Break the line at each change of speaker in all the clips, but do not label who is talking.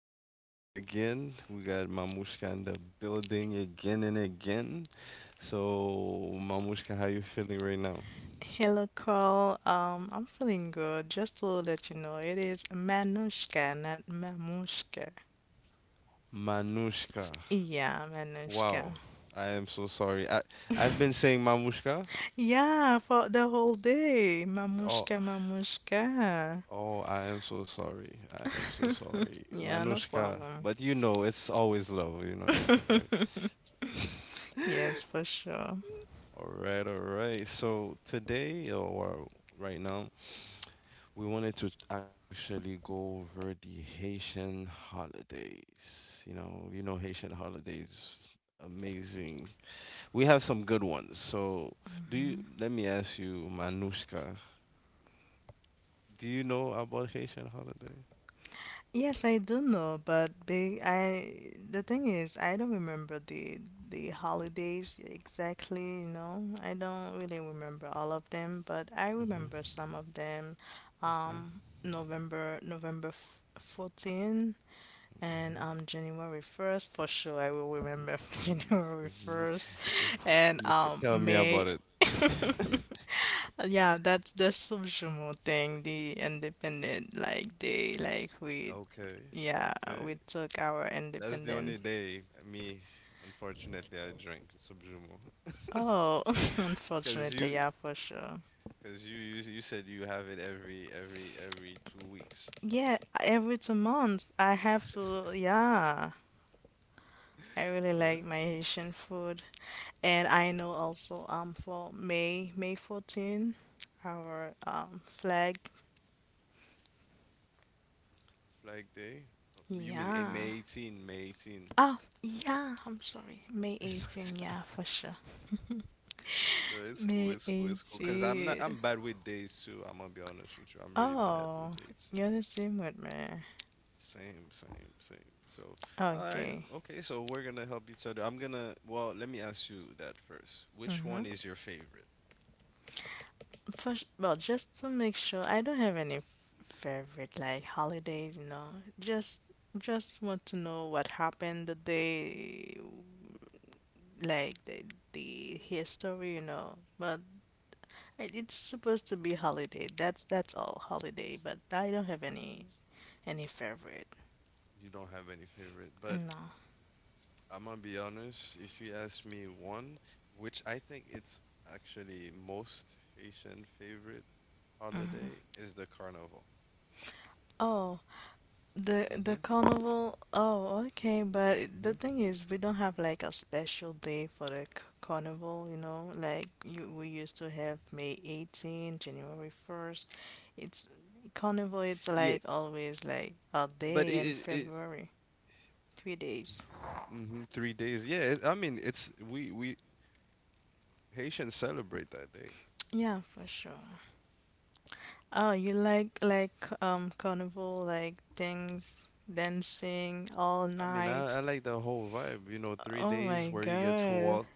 your boy Call again. We got Mamushka in the building again and again. So, Mamushka, how you feeling right now?
Hello, Carl. I'm feeling good. Just to let you know, it is Manushka, not Mamushka.
Manushka.
Yeah, Manushka.
Wow, I am so sorry. I've been saying Mamushka.
Yeah, for the whole day.
Oh,
Mamushka, Mamushka.
oh, I am so sorry. I am so sorry,
Yeah, no
Manushka.
problem.
But you know, it's always low. You know that, right?
Yes, for sure.
All right, all right. So today or right now. We wanted to actually go over the Haitian holidays. You know Haitian holidays, amazing. We have some good ones. So, do you? Let me ask you, Manushka, do you know about Haitian holiday?
Yes, I do know, but big I the thing is I don't remember the holidays exactly, you know. I don't really remember all of them, but I
hmm
remember some of them.
Okay.
November November f- 14. And
Mhm.
January 1st for sure I will remember. January
Mm,
1st and
look, tell me about
May.
it.
Yeah, that's the Subjumo thing, the independent like day like
Okay,
yeah,
okay.
we took our
That's the only
independence.
day me, unfortunately, I drink Subjumo.
Oh,
Because
unfortunately,
you,
yeah, for sure.
because you said you have it every 2 weeks.
Yeah, every 2 months I have to, yeah. I
All
really
right,
like my Haitian food. And I know also for May, May 14, our flag.
Flag Day. You mean
Yeah.
May 18, May 18.
Oh, yeah, I'm sorry. May 18, yeah, for sure.
No, it's cool,
May
it's cool, it's cool. Cause I'm not,
18.
I'm bad with dates too. I'm gonna be honest with you. I'm really bad
Oh,
with dates.
you're the same with me.
Same, same, same. So, all right,
Okay.
okay. So we're gonna help each other. I'm gonna. Well, let me ask you that first. Which
Mm-hmm.
one is your favorite?
For, s- well, just to make sure, I don't have any f- favorite like holidays, you know. Just just want to know what happened the day, like the history, you know. But I- it's supposed to be holiday. That's all holiday. But I don't have any favorite.
You don't have any favorite, but
No.
I'm gonna be honest. If you ask me one, which I think it's actually most Haitian favorite holiday is the carnival.
Oh, the
Mhm.
carnival. Oh, okay. But the
Mhm.
thing is, we don't have like a special day for the c- carnival. You know, like you we used to have May 18, January 1st. It's carnival. It's
Yeah,
like always like a
but
day in
it
February, 3 days.
mhm, 3 days. I mean it's we Haitians celebrate that day.
Yeah, for sure. Oh, you like carnival like things, dancing all
I mean
night.
I like the whole vibe. You know, three
Oh my
days where you get to
God.
walk.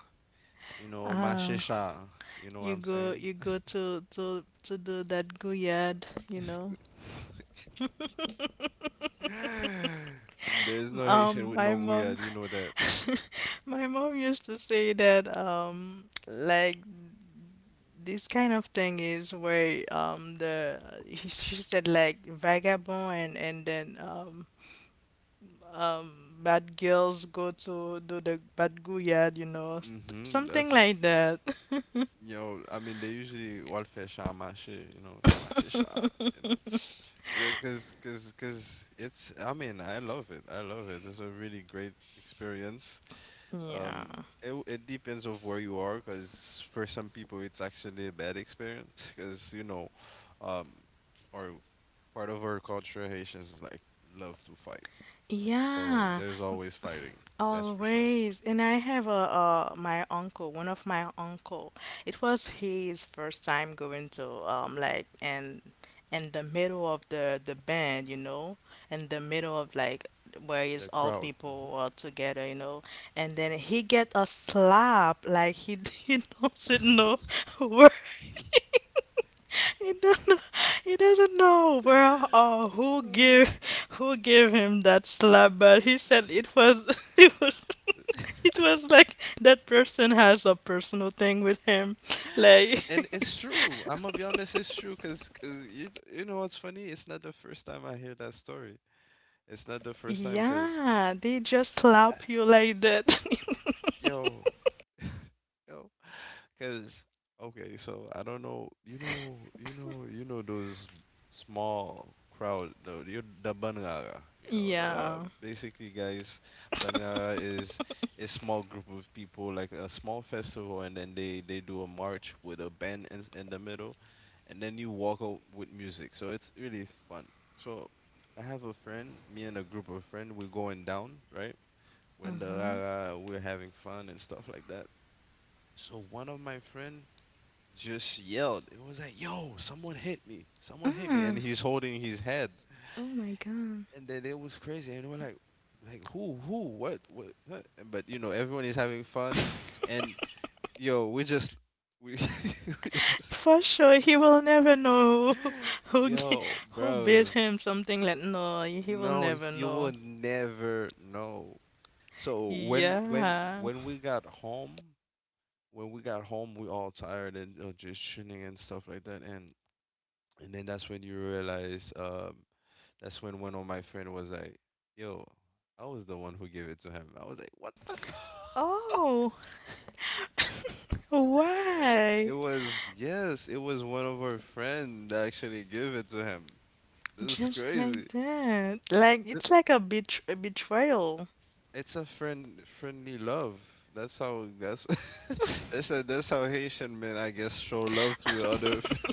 You know,
Ah.
mashisha. You know what I'm saying?
You go to to do that go yard, you know.
There's no Haitian with
My
no
mom,
guyad. You know that.
my mom used to say that like this kind of thing is where the she said like vagabond and then bad girls go to do the bad go yard, you know, s- something
That's
like that.
you know, I mean, they usually welfare share my shit, you know, my shit share, you know. Yeah, cause it's. I mean, I love it. I love it. It's a really great experience.
Yeah.
Um, it depends of where you are, cause for some people it's actually a bad experience, cause you know, um, our part of our culture, Haitians like love to fight, so
Yeah.
there's always fighting. That's for sure.
Always. And I have a my uncle, one of my uncle. It was his first time going to like and in the middle of the band, you know, in the middle of like where
The
is all
crowd.
people are together, you know, and then he get a slap like he he doesn't know where
hmm
he don't know, he doesn't know where or
Uh,
who gave him that slap, but he said it was it was it was like that person has a personal thing with him. Like,
and it's true. I'm gonna be honest, it's true because you know what's funny? It's not the first time I hear that story. It's not the first time because
yeah, they just slap you like that.
yo, yo, because okay, so I don't know, you know those small crowd, the Banrara, you know, the
yeah.
basically guys, Banrara is a small group of people, like a small festival, and then they do a march with a band in the middle, and then you walk out with music, so it's really fun. So I have a friend, me and a group of friend, we're going down, right? When the
Mhm.
we're having fun and stuff like that. So one of my friend just yelled. It was like, "Yo, someone hit me! Someone hit me!" And
Mm.
he's holding his head,
Oh my god.
and then it was crazy. And we're like, "Like who? Who? What? What?" what? But you know, everyone is having fun, and yo, we, we just
For sure, he will never know. Who g-
yo,
who bid
bro.
him something like no, he will
No,
never
you will
know.
never know. So when when
Yeah.
when we got home, when we got home, we all tired and just shitting and stuff like that. And then that's when you realize, that's when one of my friend was like, "Yo, I was the one who gave it to him." I was like, "What the fuck?"
Oh, why?
It was one of our friend that actually gave it to him. This is
Just like
crazy.
that. Like
Ju-
it's like a betr- a betrayal.
It's a friend friendly love. That's how that's that's how Haitian men I guess show love to other.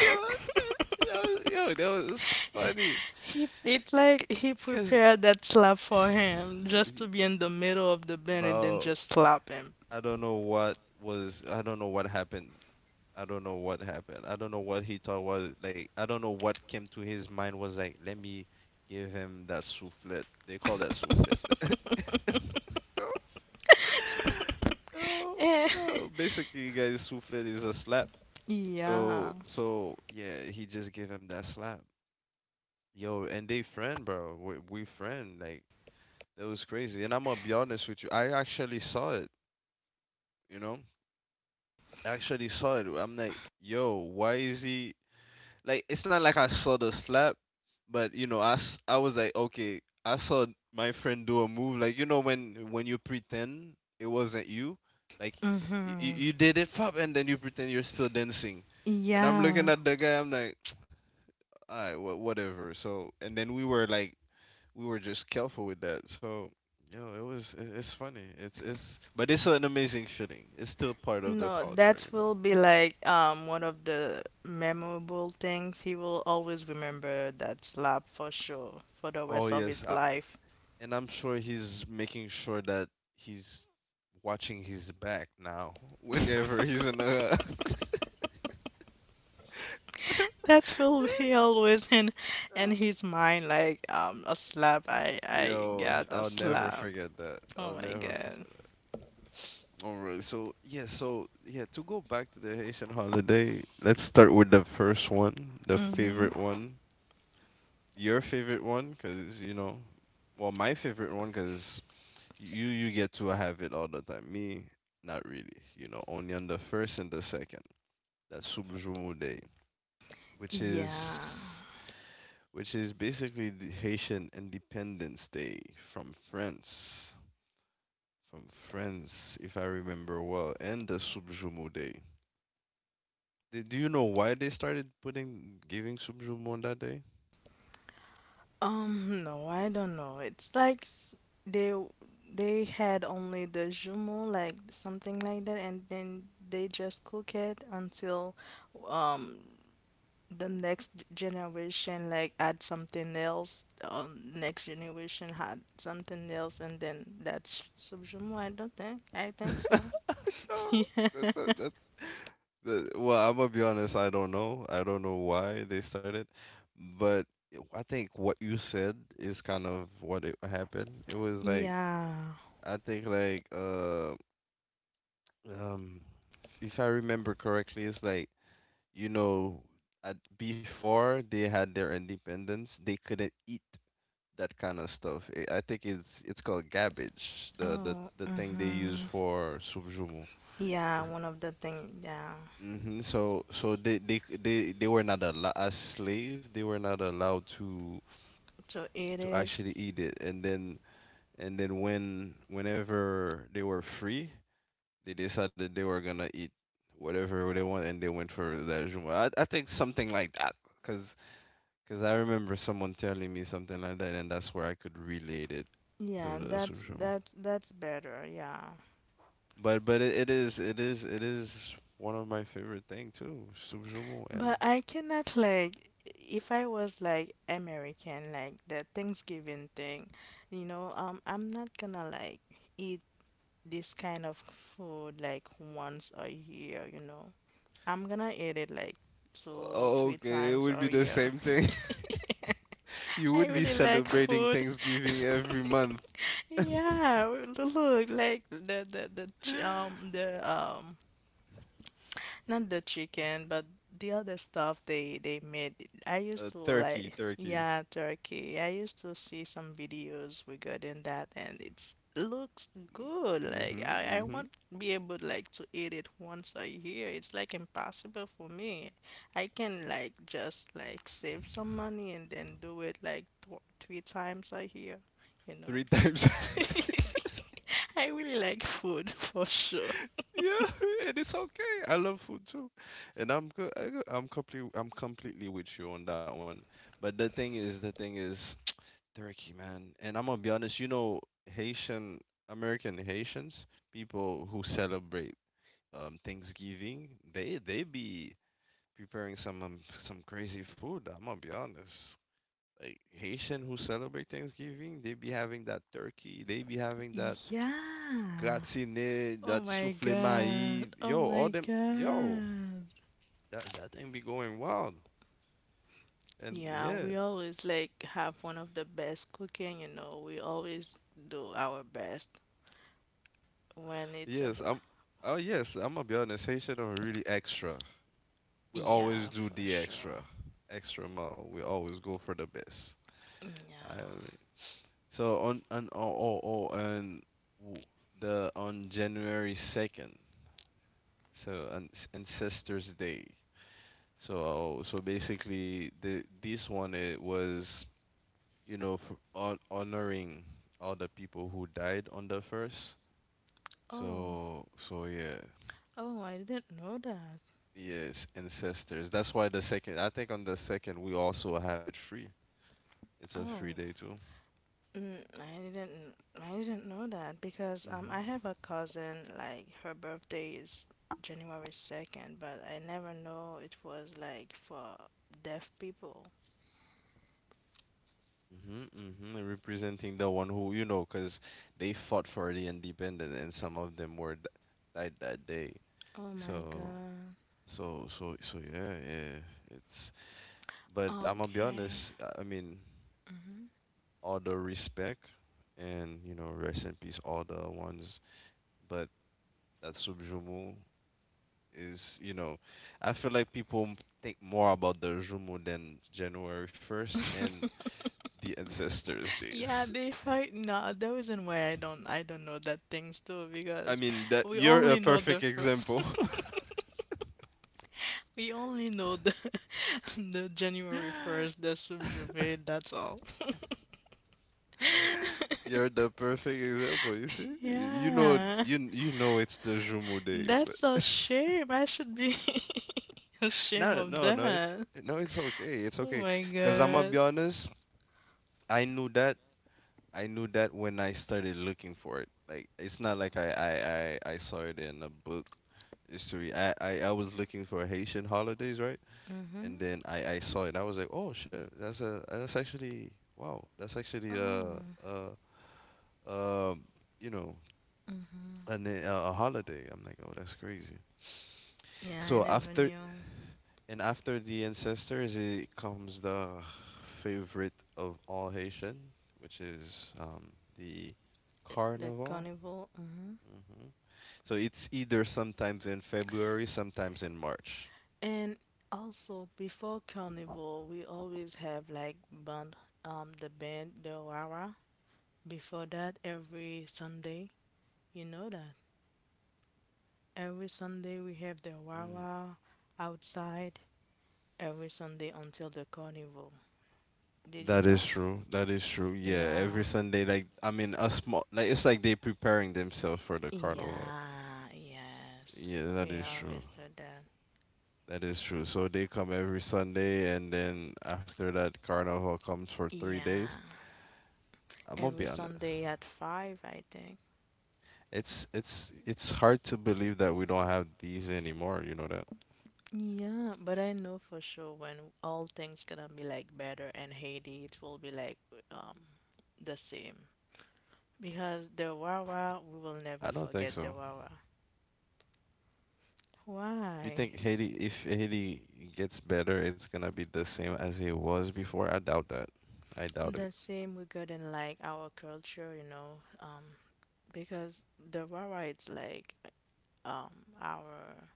Yo, yo, that was funny.
He it like he
Cause,
prepared that slap for him just to be in the middle of the band and then
bro,
just slap him.
I don't know what happened. I don't know what happened. I don't know what he thought was like. I don't know what came to his mind was like. Let me give him that soufflet. They call that soufflet. Yo, yo,
Eh,
yo. Basically, guys, soufflet is a slap. So,
yeah.
so yeah, he just gave him that slap. Yo, and they friend, bro. We friend. Like that was crazy. And I'm gonna be honest with you. I actually saw it. You know, I actually saw it. I'm like, yo, why is he like? It's not like I saw the slap, but you know, I was like, okay, I saw my friend do a move. Like you know when you pretend it wasn't you, like
Mhm.
you did it, pop, and then you pretend you're still dancing. And I'm looking
Yeah.
at the guy. I'm like, all right, whatever. So and then we were just careful with that. So, yo, it's funny. It's but it's an amazing feeling. It's still part of the
No,
culture,
that
you
will
know.
be like one of the memorable things. He will always remember that slap for sure for the
Oh
rest of
yes,
his life.
and I'm sure he's making sure that he's watching his back now. Whenever he's in a
That will be always in his mind like a slap I
yo,
got a
I'll never
slap.
forget that. I'll
Oh my
never
god.
forget. All right, so yeah, so yeah, to go back to the Haitian holiday, let's start with the first one, the
Mhm.
favorite one, your favorite one because you know, well, my favorite one because you get to have it all the time, me not really, you know, only on the first and the second. That's Subjumu Day, which
Yeah.
is, which is basically the Haitian Independence Day from France, from France if I remember well. And the Subjumu Day, do you know why they started putting giving Subjumu on that day?
No, I don't know. It's like s- they they had only the jumeau like something like that and then they just cook it until um the next generation like add something else or next generation had something else and then that's subjumo. I don't think, I think so. Yeah.
that's a, that's the, well. I'm gonna be honest. I don't know. I don't know why they started, but I think what you said is kind of what it happened. It was like
Yeah.
I think like um if I remember correctly, it's like, you know, at before they had their independence, they couldn't eat that kind of stuff. I think it's called cabbage, the the
Oh,
the thing they use
mm-hmm,
for subjumo.
yeah, one of the thing, yeah.
So, so they were not allowed as slave. They were not allowed
To eat
to
it.
actually eat it. And then, and then when whenever they were free, they decided they were gonna eat whatever they want, and they went for that Juma. I think something like that, cause 'cause I remember someone telling me something like that, and that's where I could relate it to
Yeah,
the
that's
Subjumo.
that's better, yeah.
But it is it is one of my favorite thing too, Subjumo, and
But I cannot like if I was like American like the Thanksgiving thing, you know. I'm not gonna like eat this kind of food like once a year, you know. I'm gonna eat it like two or
oh,
three
okay, it
times
would be
a
the
year.
same thing. You
I
would be
really like
celebrating
food.
Thanksgiving every month.
Yeah, look, like the ch- the not the chicken, but the other stuff they made. I used to like,
Turkey.
yeah, turkey. I used to see some videos regarding that, and it looks good. Like
Mm-hmm,
I
mm-hmm.
won't be able like to eat it once a year. It's like impossible for me. I can like just like save some money and then do it like th three times a year, you know.
Three times. Three times.
I really like food for sure.
Yeah, and it's okay. I love food too, and I'm co- I good. I'm completely with you on that one. But the thing is, turkey, man. And I'm gonna be honest. You know, Haitian American Haitians, people who celebrate Thanksgiving, they be preparing some crazy food. I'm gonna be honest. Like Haitian who celebrate Thanksgiving, they be having that turkey, they be having that
Yeah.
gratiné,
Oh
that
my
soufflé maïs.
god. Oh
Yo, all
my
them, yo,
god.
that that thing be going wild. And
Yeah,
yeah,
we always like have one of the best cooking, you know. We always do our best when it's
yes,
about.
I'm. Oh yes, I'm gonna be honest. Haitian are really extra. We always
Yeah,
do
for
the
sure.
extra, extra mile. We always go for the best. I
Yeah.
So on and w- the on January 2nd, so an Ancestors Day. So so basically the this one it was, you know, honoring all the people who died on the first.
Oh.
So so yeah.
Oh, I didn't know that.
Yes, ancestors. That's why the second, I think on the second we also have it free. It's a
Oh.
free day too.
Mm, I didn't know that because I
hmm
have a cousin like her birthday is January 2nd, but I never know it was like for deaf people.
Mm-hmm, mm-hmm. Representing the one who, you know, because they fought for the independence, and some of them were died that day.
Oh my
So,
god.
yeah, yeah. It's, but I'm gonna be
Okay.
honest. I mean,
Mhm.
all the respect, and you know, rest in peace, all the ones. But that Subjumu is, you know, I feel like people think more about the Jumu than January 1st and the ancestors'
Yeah,
days.
they fight. No, the reason why I don't know that things too
I
because
mean that
we
you're a
only know
perfect
the first.
example.
We only know the the January 1st, the Subjuve. That's all.
You're the perfect example. You see, you know,
Yeah,
you know it's the Jumu day, but
that's a shame. I should be ashamed
no,
of
no, no, it's,
that.
no, it's okay, it's
Oh
okay.
my
Cause I'm gonna
god.
be honest, I knew that, I knew that when I started looking for it. Like it's not like I saw it in a book history. I was looking for Haitian holidays, right?
Mhm.
And then I saw it. I was like, oh shit, that's actually, wow, that's actually
Oh.
a uh uh um you know an, eh, a holiday. I'm like, oh, that's crazy.
Yeah, I
So
never knew
after the ancestors, it comes the favorite of all Haitian, which is the
the
carnival.
carnival. Mhm.
hmm So it's either sometimes in February, sometimes in March.
And also before carnival, we always have like band, the band, the Wawa. Before that, every Sunday, you know that. Every Sunday we have the Wawa outside every Sunday until the carnival. Did you
That is
know?
true. That is true. Yeah,
Yeah,
every Sunday, like, I mean, a small, like, it's like they preparing themselves for the carnival.
yeah, yes.
Yeah, that
We
is true.
always do that.
That is true. So they come every Sunday, and then after that, carnival comes for 3 days.
Yeah,
I'm gonna
every
be honest.
Sunday at five, I think.
It's hard to believe that we don't have these anymore. You know that?
Yeah, but I know for sure when all things gonna be like better and Haiti, it will be like um the same. Because the Wawa,
I
we
don't think
will
so.
never forget the Wawa.
You think
Why?
Haiti, if Haiti gets better, it's gonna be the same as it was before? I doubt that. I doubt it.
The same regarding like our culture, you know, because the Wawa it's like our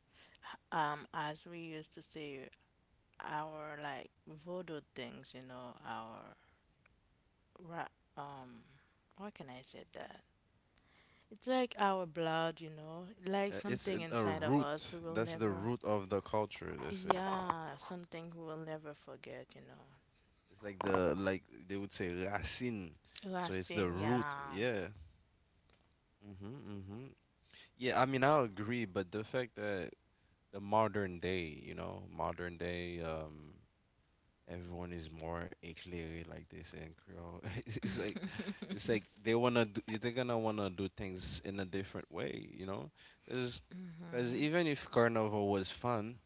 as we used to say our like voodoo things, you know, our ra- um how can I say that? It's like our blood, you know, like
It's
something
a
inside of
root.
us we will
That's the
never,
root of the culture. They say
yeah, something we will never forget, you know.
it's like the like they would say racine. So it's the
Racine,
root.
yeah.
Yeah. Mhm. Mhm. Yeah, I mean, I agree, but the fact that the modern day, you know, modern day, everyone is more éclairé, like they say in Creole. It's like they wanna do, they're gonna wanna do things in a different way, because even if carnival was fun,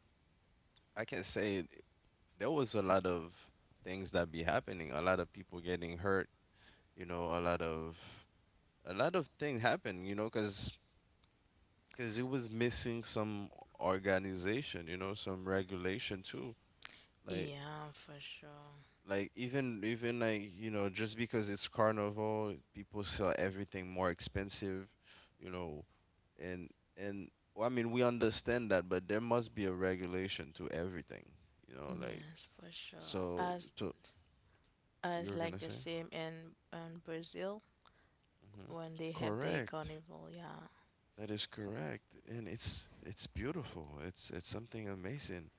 I can't say it, there was a lot of things that be happening, a lot of people getting hurt, you know a lot of a lot of things happen, because it was missing some organization, some regulation too, like,
Yeah, for sure.
even, like, just because it's carnival, people sell everything more expensive, you know and and well, I mean, we understand that, but there must be a regulation to everything, like,
Yes, for sure.
so you were
As
gonna
like
say.
the same in Brazil
hmm
when they have the
Correct.
carnival, yeah.
That is correct. And it's beautiful. It's something amazing.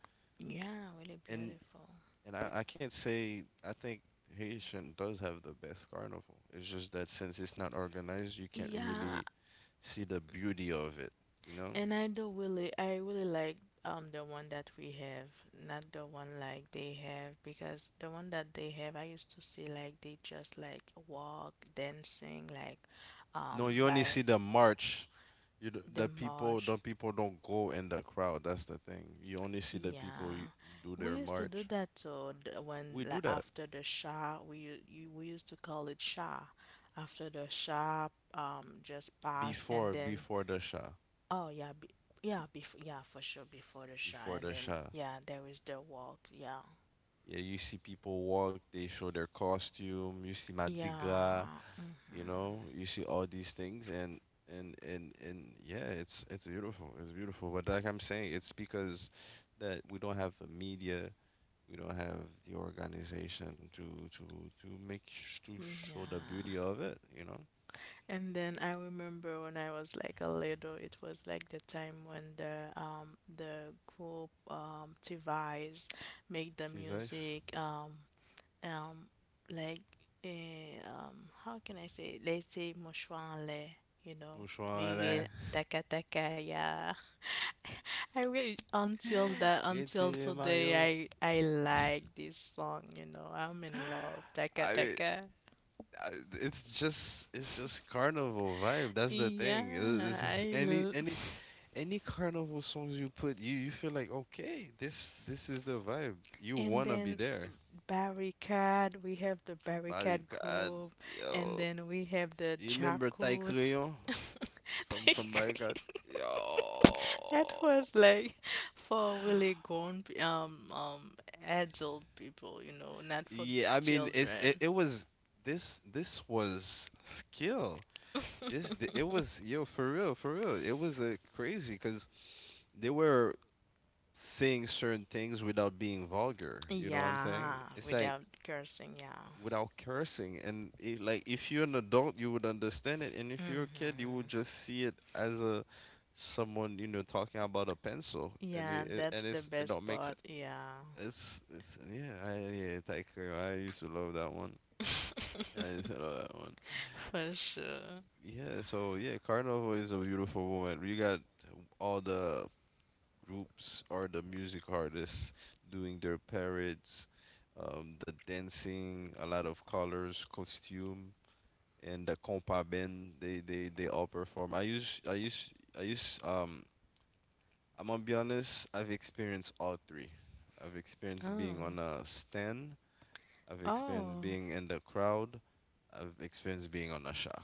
Yeah, really
And
beautiful.
and I can't say, I think Haitian does have the best carnival. It's just that since it's not organized, you can't
Yeah,
really see the beauty of it, you know?
and I do really, I really like the one that we have, not the one like they have, because the one that they have, I used to see like they just like walk, dancing, like
No, you only see
by
the march. The
the
people the
march.
people don't go in the crowd. That's the thing. You only see the people, you
Yeah,
do
we
their
used to do
march.
that too.
We
When
do
like
that
after the Shah, you, we used to call it Shah. After the Shah just passed, and then
before the Shah.
oh yeah, be, yeah, before yeah for sure before the shot,
Before
and
the
then
Shah.
yeah, there is the walk. Yeah,
Yeah, you see people walk, they show their costume, you see Madiga,
yeah, mhm,
you see all these things, and yeah, it's beautiful. It's beautiful. But like I'm saying, it's because that we don't have the media, we don't have the organization to to show the
yeah.
beauty of it.
And then I remember when I was like a little, it was like the time when the group device make the
See face.
music um like how can I say? Let's say mouchoir en l'air, you know,
Mouchoir là.
virer taka taka. Yeah. I really until the until
Retirez maillot.
today I like this song, you know. I'm in love. Taka
I mean,
taka.
I- it's just carnival vibe. That's the thing.
Yeah, I
Any
l-
any any carnival songs you put, you feel like, okay, this is the vibe. You
and
wanna
then
be there.
barricade, we have the
By
barricade
God,
group and
yo,
then we have the
you remember Ty
Jakut.
Crayon from By God, yo.
That was like for really grown p- adult people, you know, not for t-
Yeah, I mean it's it,
children.
it was, this was skill. It was yo for real, for real. It was a crazy because they were saying certain things without being vulgar. You know what I'm saying?
Yeah,
It's like
without cursing, yeah.
without cursing, and like, if you're an adult, you would understand it, and if you're a kid, you
Mm-hmm.
would just see it as a someone you know talking about a pencil, and
Yeah, that's the
it
best
don't make
part.
sense.
Yeah.
It's Yeah, I yeah thank you. I used to love that one. I used to love that one.
For sure.
Yeah, so yeah, Carnival is a beautiful moment. You got all the groups or the music artists doing their parades, the dancing, a lot of colors, costume, and the compa band. They all perform. I use um. I'm gonna be honest. I've experienced all three. I've experienced
Oh.
being on a stand. I've experienced
Oh.
being in the crowd. I've experienced being on a show.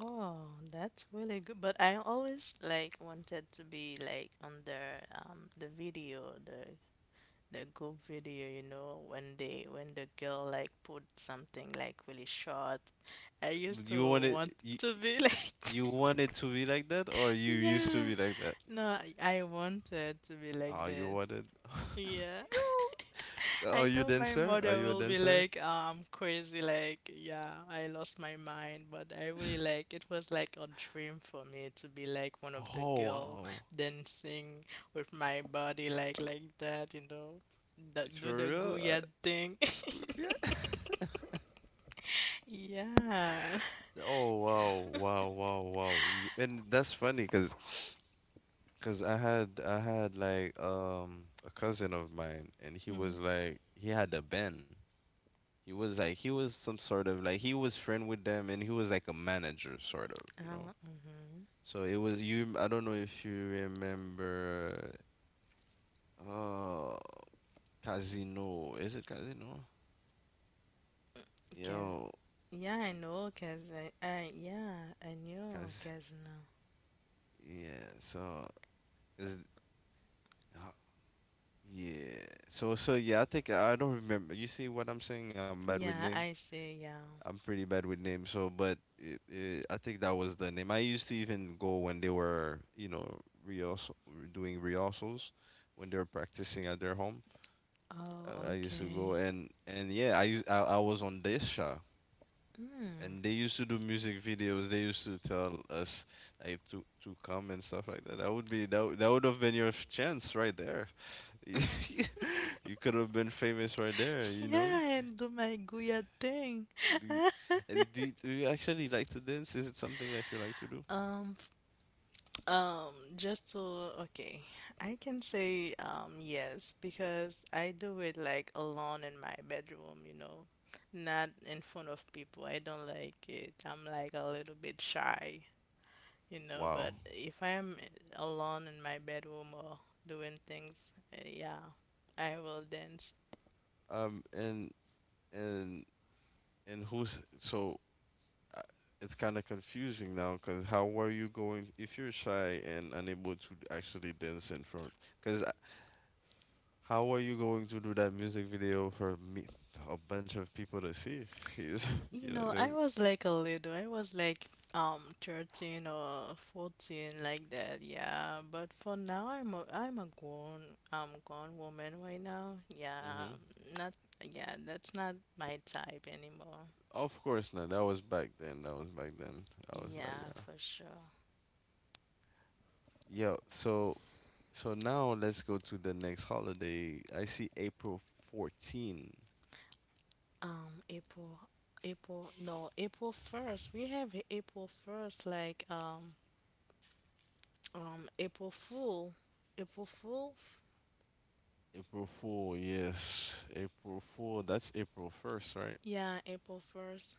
Oh, that's really good. But I always like wanted to be like on the video, the group video, you know, when they when the girl like put something like really short. I used to
You wanted
want
you,
to be like
you wanted to be like that, or you used to
yeah.
be like that?
No, I wanted to be like
Ah, you
that.
wanted.
Yeah.
Yo.
I know my
Are
mother
you a
will be
dancer?
like, crazy, like, yeah, I lost my mind, but I really like it was like a dream for me to be like one of the
Oh
girl
wow,
dancing with my body like that, you know, that
it's
do
for
the
real?
Goya thing.
Yeah.
Yeah.
Oh wow, wow, wow, wow. And that's funny because I had like, a cousin of mine, and he
Mm.
was like, he had a band. He was like, he was some sort of, like, he was friend with them, and he was like a manager sort you know.
Mm-hmm.
So it was, you, I don't know if you remember, uh Casino. Is it Casino? You
Cause,
know,
yeah, I know, cause I, yeah, I knew,
cause
cause no.
yeah, so cause uh, yeah, so yeah, I think I don't remember. You see what I'm saying? I'm bad with
Yeah,
name.
I see, yeah.
I'm pretty bad with name. So, but I think that was the name. I used to even go when they were, rehearsal doing rehearsals, when they were practicing at their home.
Oh,
I used to
okay.
go, and yeah, I was on this show.
Mm.
And they used to do music videos. They used to tell us, like, to come and stuff like that. That would be that would- That would have been your chance right there. You could have been famous right there. You know.
Yeah, and do my Guya thing.
Do you, uh, do you, do you actually like to dance? Is it something that you like to do?
Um, just to, okay, I can say yes because I do it like alone in my bedroom, you know, not in front of people. I don't like it. I'm like a little bit shy, you know, but
Wow.
if I'm alone in my bedroom or doing things, yeah, I will dance.
Um. And and and who's so? uh, It's kind of confusing now because how are you going if you're shy and unable to actually dance in front? Because how are you going to do that music video for me, a bunch of people to see? You
You
know,
know, I
the-
was like a little. I was like 13 or 14 like that. Yeah, but for now I'm a grown grown woman right now. Yeah,
mhm.
not yeah, that's not my type anymore.
Of course not. That was back then. That was back then. That was back
Yeah,
then.
for sure.
Yo, so now let's go to the next holiday. I see April 14.
April, April, no, April 1st. We have a April 1st, like, April Fool. April Fool?
April Fool, yes. April Fool. That's April 1st, right?
Yeah, April 1st.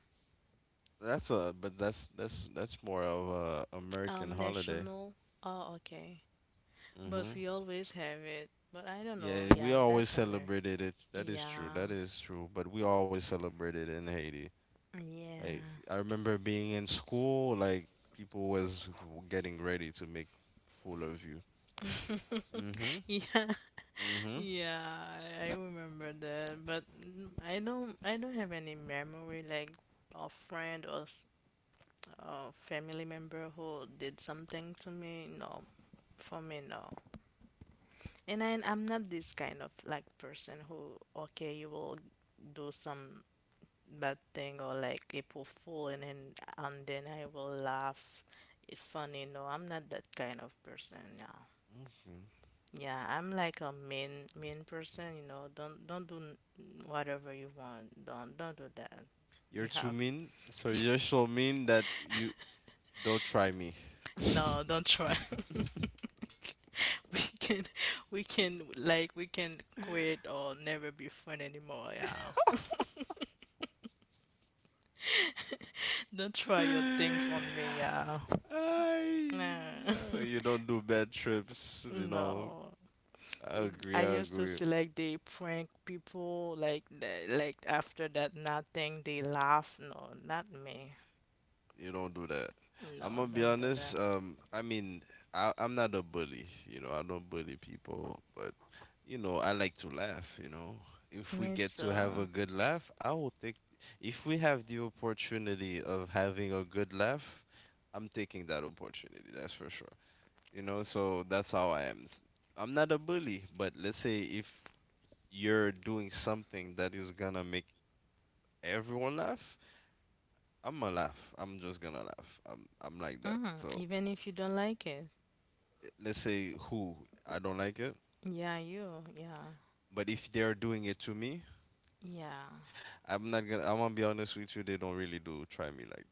That's a but that's more of a American holiday.
National. Oh, okay. But
Mhm.
we always have it. But I don't know.
Yeah, we
Yeah,
always
that's Amer.
celebrated it. That is true.
Yeah.
That is true. But we always celebrated in Haiti. Like,
Yeah.
I remember being in school, like people was getting ready to make fool of you. Mhm.
yeah.
Mhm.
Yeah, I remember that. But I don't have any memory like a friend a family member who did something to me. No. For me, no. I'm not this kind of like person who, okay, you will do some bad thing or like April Fool, and then I will laugh. It's funny. No, I'm not that kind of person. No. Yeah, I'm like a mean person. You know, don't do whatever you want. Don't do that. You
You're too
have
mean. So you're so mean that you don't try me.
no. Don't try. we can we can quit or never be friend anymore. Yeah. Don't try your things on me. Yeah.
Ay,
Nah.
yeah, you don't do bad trips, you know.
no.
I agree,
I
I
used to
agree.
see like they prank people like after that nothing they laugh. No, not me.
You don't do that. I'm
No,
gonna be
don't do
honest.
that.
I mean, I'm not a bully. I don't bully people, but I like to laugh. If we
Me
get to have a
too.
good laugh, I will take. If we have the opportunity of having a good laugh, I'm taking that opportunity. That's for sure. So that's how I am. I'm not a bully, but let's say if you're doing something that is gonna make everyone laugh, I'm gonna laugh. I'm just gonna laugh. I'm like that.
Mm,
So
even if you don't like it.
let's say who I don't like it,
Yeah, you. Yeah.
but if they are doing it to me,
Yeah.
I'm not gonna. I'm gonna be honest with you. They don't really do try me like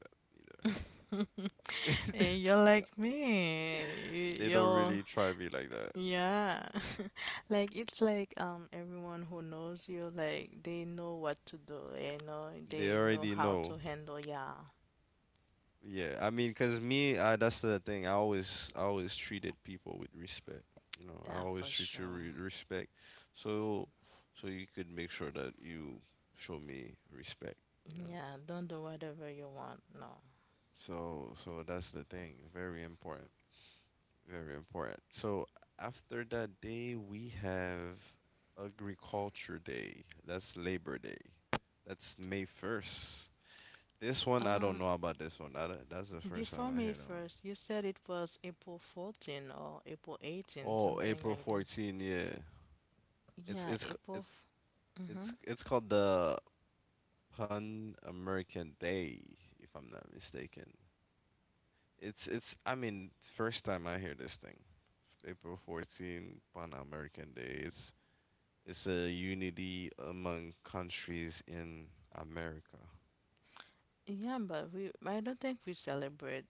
that either.
And you're
You
like
know,
me. You-
they don't
You're
really try me like that.
yeah. Like it's like everyone who knows you, like they know what to do, you know,
They
they know
already
how
know.
to handle, yeah.
Yeah, I mean, cause that's the thing. I always treated people with respect. You know, I
That
always
for
treat you
sure.
with respect. So, so you could make sure that you show me respect. You know,
Yeah, don't do whatever you want. No.
so that's the thing. Very important. Very important. So after that day, we have Agriculture Day. That's Labor Day. That's May 1st. This one, I don't
Um,
know about this one. I, don't- that's the first time
Before
I hear
May
that one.
1st, you said it was April 14 or April 18,
Oh,
something
April
like that.
14, yeah.
Yeah,
It's c-
April. Mm-hmm.
it's called the Pan American Day, if I'm not mistaken. It's I mean, first time I hear this thing. April 14, Pan American Day. It's a unity among countries in America.
Yeah, I don't think we celebrate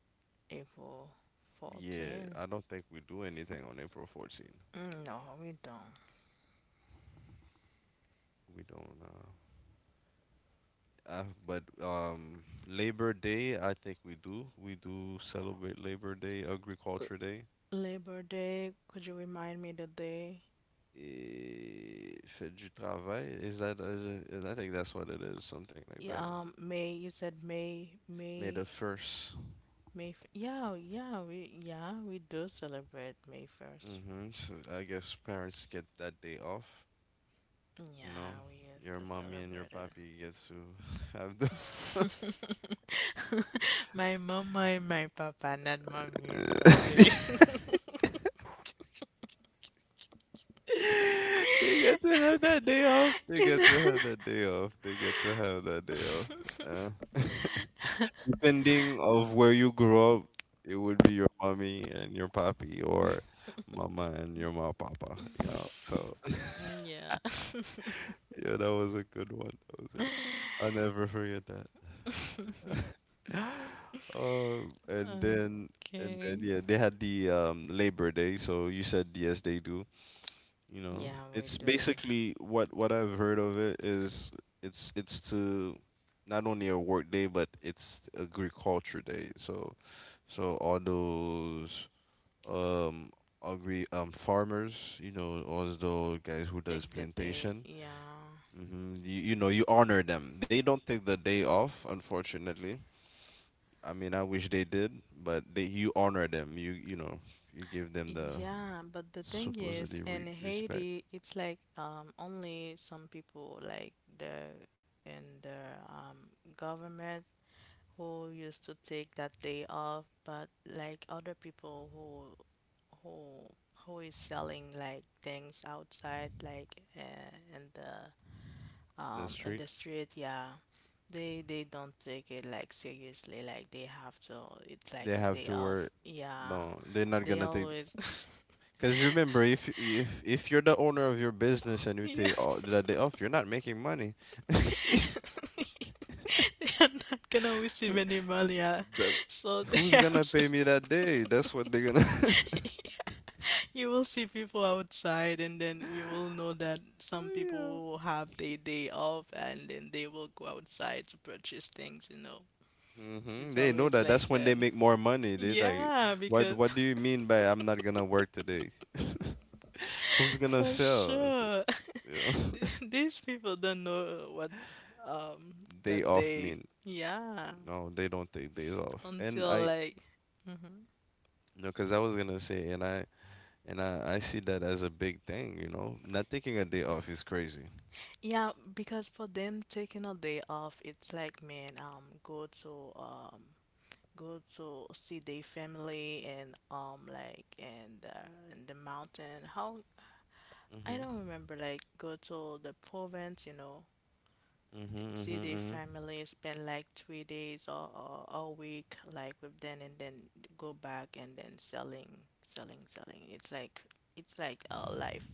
April
Yeah,
14.
I don't think we do anything on April 14.
Mm, no, we don't.
We don't. But Labor Day, I think we do. We do celebrate Labor Day,
L-
Agriculture Day.
Labor Day, could you remind me the day?
Fête du travail. Is that is it, is, I think that's what it is, something like
Yeah,
that.
May, you said
May the first.
May. Yeah, we do celebrate May 1st.
Mm-hmm. So I guess parents get that day off. You know,
Yeah, we used
your
to
mommy and your
celebrate it.
papi gets to have the.
my mama and my papa, not mommy and papi.
They get to have that day off. They
You
get
know?
to have that day off. They get to have that day off. Uh. Depending of where you grow up, it would be your mommy and your papi or mama and your ma papa. So
yeah.
yeah, that was a good one. That was it. I'll never forget that. And then
okay.
yeah, they had the Labor Day, so you said yes they do. You know,
Yeah, we
it's
do.
basically what I've heard of it is it's to not only a work day but it's agriculture day. So all those um agri farmers, all those guys who does
Take the day.
plantation.
Yeah.
You honor them. They don't take the day off, unfortunately. I mean, I wish they did, but they you honor them. You give them the
Yeah, but the thing is,
supposedly re
in
respect
Haiti, it's like only some people like the in the government who used to take that day off, but like other people who who who is selling like things outside, like
in the
in
street.
the street, yeah, they don't take it like seriously. Like they have to, it's like
They
a
have
day
to
off.
work.
Yeah,
No, they're not
they
gonna take.
always,
Because remember, if you're the owner of your business and you
yeah.
take all that day off, you're not making money.
they are not gonna receive any money, yeah.
Bro,
So they
who's
have
gonna
to.
pay me that day? That's what they're gonna.
You will see people outside, and then you will know that some
Yeah.
people will have their day off, and then they will go outside to purchase things, you know. It's
They know
always
that. That's
like
when they
that.
make more money. They like,
Yeah,
what
because
what do you mean by I'm not gonna work today? Who's gonna
for
sell?
sure,
Yeah.
these people don't know what
Day
that
off
they
mean
yeah
no, they don't take days off. And
until
I
like hmm
No, because I was gonna say, I see that as a big thing. Not taking a day off is crazy.
yeah, because for them taking a day off, it's like, man, go to go to see their family and like and the in the mountain. How I
Mhm.
don't remember, like go to the province, you know,
Mhm.
see
Mhm.
their
Mhm.
family, spend like 3 days, or a week like with them, and then go back and then selling selling. It's like a life.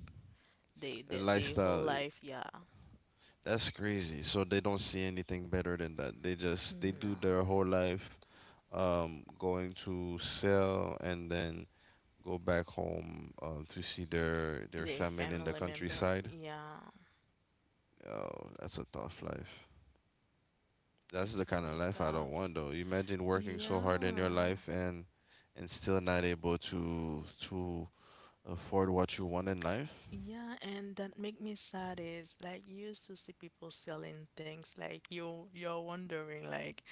They
A
they they whole
lifestyle,
life, yeah.
that's crazy. So they don't see anything better than that. They just they do
No.
their whole life, going to sell and then go back home, to see their
Their
family in the
family member,
countryside.
yeah.
Oh, that's a tough life. That's the
It's
kind of
really
life I don't
tough.
want though. Imagine working so hard in your
Yeah.
life and still not able to afford what you want in life.
Yeah, and that make me sad is like you used to see people selling things, like you you're wondering like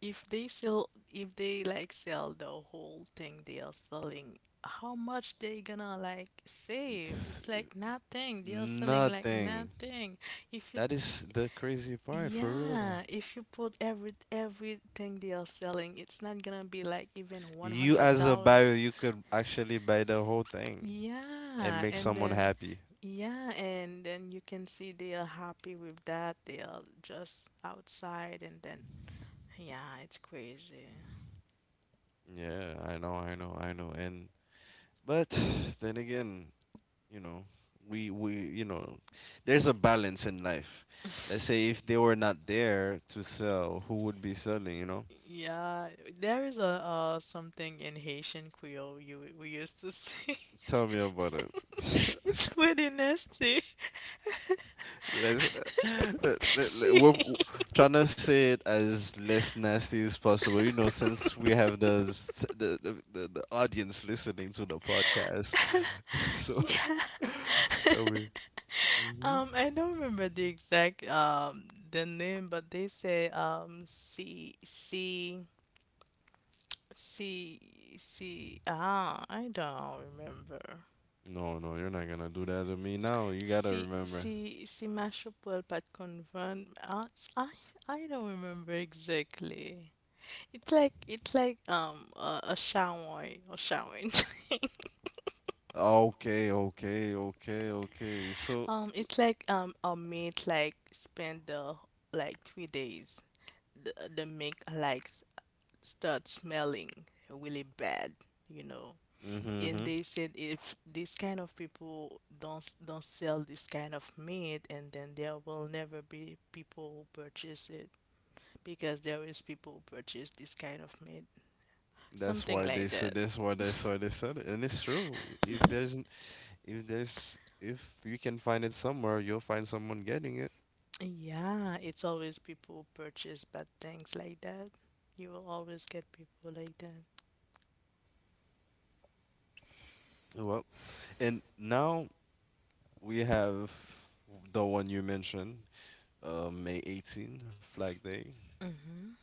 if they sell, if they like sell the whole thing they are selling, how much they gonna like save?
Just
It's like nothing. They are selling like
nothing.
nothing. If you
That
t-
is the crazy part for real.
yeah, if you put everything they are selling, it's not gonna be like even
You as a
$100.
buyer, you could actually buy the whole thing and
Yeah,
make
and
someone
then
happy.
yeah, and then you can see they are happy with that. They are just outside, and then yeah, it's crazy.
Yeah, I know, I know, I know. And But then again, you know we there's a balance in life. Let's say if they were not there to sell, who would be selling?
Yeah, there is a something in Haitian Creole you we used to see.
Tell me about it.
It's pretty nasty.
Let's, let, let,
See,
we're w- trying to say it as less nasty as possible, since we have the the audience listening to the podcast. So,
yeah,
tell me. hmm
I don't remember the exact the name, but they say C C C C. Ah, I don't remember.
no, no, you're not gonna do that to me now. You gotta
C
remember.
C C mashup well pat convent. I I I don't remember exactly. It's like a shower or showering thing.
Okay, okay, okay, okay. So,
It's like a mate like spend the like 3 days. The make like start smelling really bad, you know. And
mm-hmm.
they said if these kind of people don't sell this kind of meat, and then there will never be people who purchase it, because there is people who purchase this kind of meat,
That's
something
why they
like that.
said. That's why they said it, and it's true. If there's, if you can find it somewhere, you'll find someone getting it.
Yeah, it's always people who purchase bad things like that. You will always get people like that.
Well, and now we have the one you mentioned, May 18, Flag Day.
Mm-hmm.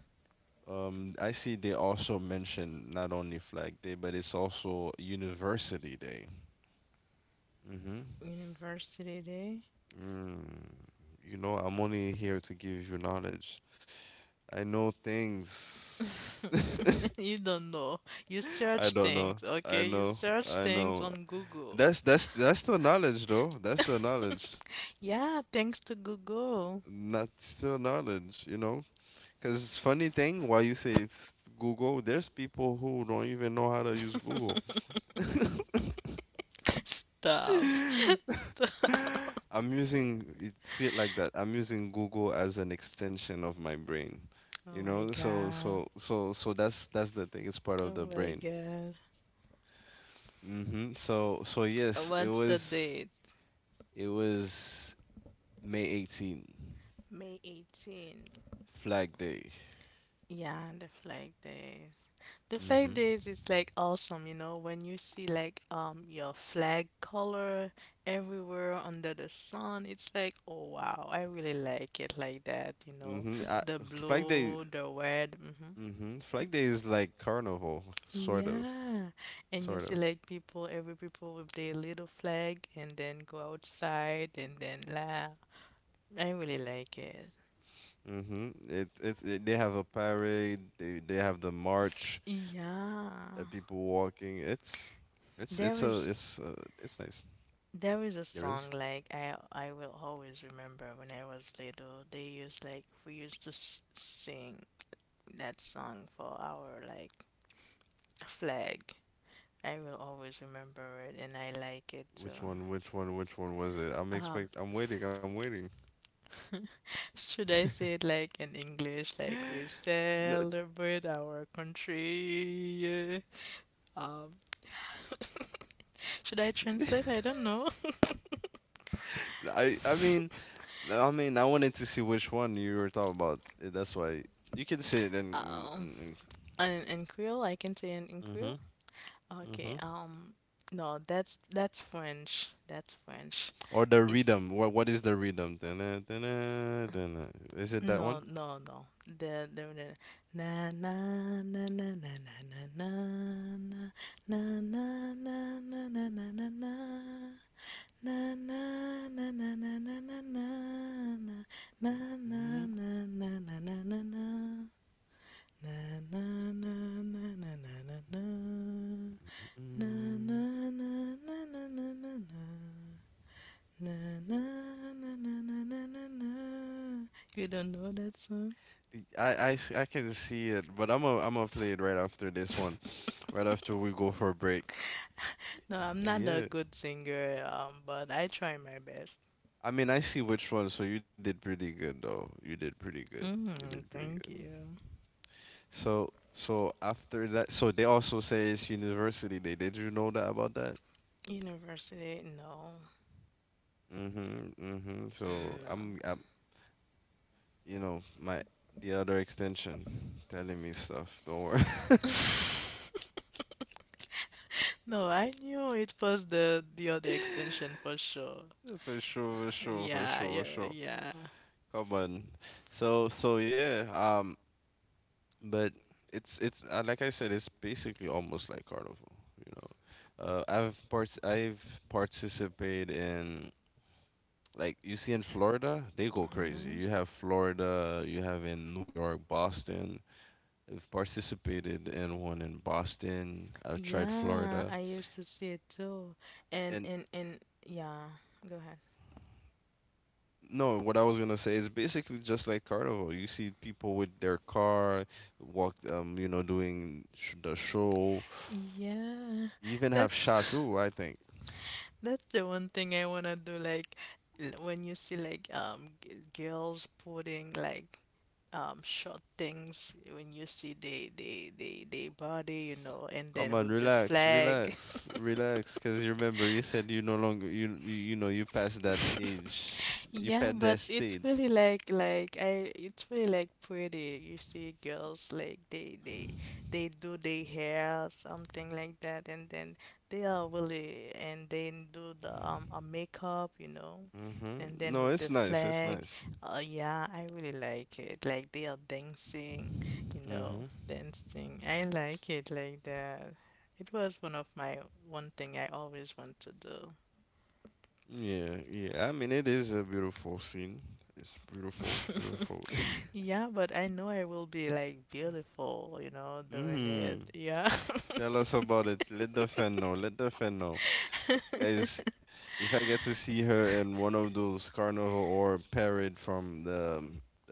I see they also mention not only Flag Day, but it's also University Day. Mm-hmm.
University Day?
Mm, I'm only here to give you knowledge. I know things.
you don't know. You
I
search
don't know.
things,
I
okay? You
know.
search
I
things
know.
on Google.
That's still knowledge though. That's still knowledge.
Yeah, thanks to Google.
Not still knowledge, you know? Because funny thing, while you say it's Google, there's people who don't even know how to use Google.
Stop.
I'm using it, see it like that. I'm using Google as an extension of my brain. You
Oh my
know, so
god.
so so so that's the thing. It's part of
Oh
the
my
brain.
god.
So yes, it
What's the
was
date?
it was May 18,
May 18.
Flag Day.
Yeah, the flag days. The flag
hmm
days is like awesome, you know, when you see like your flag color everywhere under the sun, it's like, oh wow, I really like it like that, you know,
hmm I,
the
Flag Day.
blue, the red. Mhm.
Flag Day is like carnival, sort of,
Yeah, and you
sort
see
of.
like people, every people with their little flag, and then go outside and then laugh. I really like it.
Mhm. They have a parade. They have the march, the people
Yeah,
walking. It's a
there
it's
was
it's nice.
there was
There
a
is.
song like I will always remember when I was little. They used like we used to s sing that song for our like flag. I will always remember it, and I like it too.
Which one? Which one? Which one was it? I'm
Um,
expect. I'm waiting. I'm waiting.
Should I say it like in English, like we
No.
celebrate our country? Yeah. Um, should I translate? I don't know.
I mean no, I mean I wanted to see which one you were talking about. That's why you can say it in.
Um,
in,
in Creole, I can say in
in.
Creole. Okay.
Mhm.
No, that's French. That's French.
Or the
It's
rhythm. What is the rhythm? Dunna, dunna, dunna. Is it that
no,
one?
no, no. Na na na na na na na na na na na na na na na na. Na na na na na na na na na na na
Mm,
na na na na na. Na,
mm.
na, na, na, na, na, na, na. Na, na, na, na, na, na, na, na. Na, na, na, na, na, na, na, na. You don't know that song?
I can see it, but I'm gonna play it right after this one, right after we go for a break.
No, I'm not a
Yeah.
good singer, but I try my best.
I mean, I see which one, so you did pretty good though. You did pretty good. You did
Mm,
pretty good.
thank you.
So after that, so they also say it's University Day. Did you know that about that?
University? No.
Mm-hmm, mm-hmm. So
No.
I'm, I'm my the other extension telling me stuff. Don't worry.
No, I knew it was the other extension for sure.
For sure, for sure, for
Yeah,
sure, for
yeah,
sure.
yeah.
Come on. So, yeah. But it's like I said, it's basically almost like carnival. You know, I've participated in like you see in Florida, they go crazy.
hmm
You have Florida, you have in New York, Boston. I've participated in one in Boston. I've tried
Yeah,
Florida,
I used to see it too. And
and
and and yeah, go ahead.
No, what I was gonna say is basically just like carnival. You see people with their car walk, doing sh the show.
Yeah,
You even have
that's
Chateau, I think.
that's the one thing I wanna do. Like when you see like girls putting like short things, when you see they body, you know, and
Come
then
on,
with the
relax,
flag.
relax, relax. Cause you remember you said you no longer you passed that age, you
Yeah,
passed that
but it's
stage.
really like I it's really like pretty. You see girls like they they do their hair, something like that, and then they are really, and then do the a makeup, you know.
Mm-hmm.
And then
No,
with
it's
the
nice. It's
flag,
nice.
yeah, I really like it. Like they are dancing, you
Mm-hmm.
know, dancing. I like it like that. It was one of my one thing I always want to do.
Yeah, yeah. I mean, it is a beautiful scene. It's beautiful, beautiful.
Yeah, but I know I will be like beautiful, you know, doing it.
Mm-hmm.
Yeah.
Tell us about it. Let the fan know. Let the fan know. Guys, if I get to see her in one of those carnival or parade from the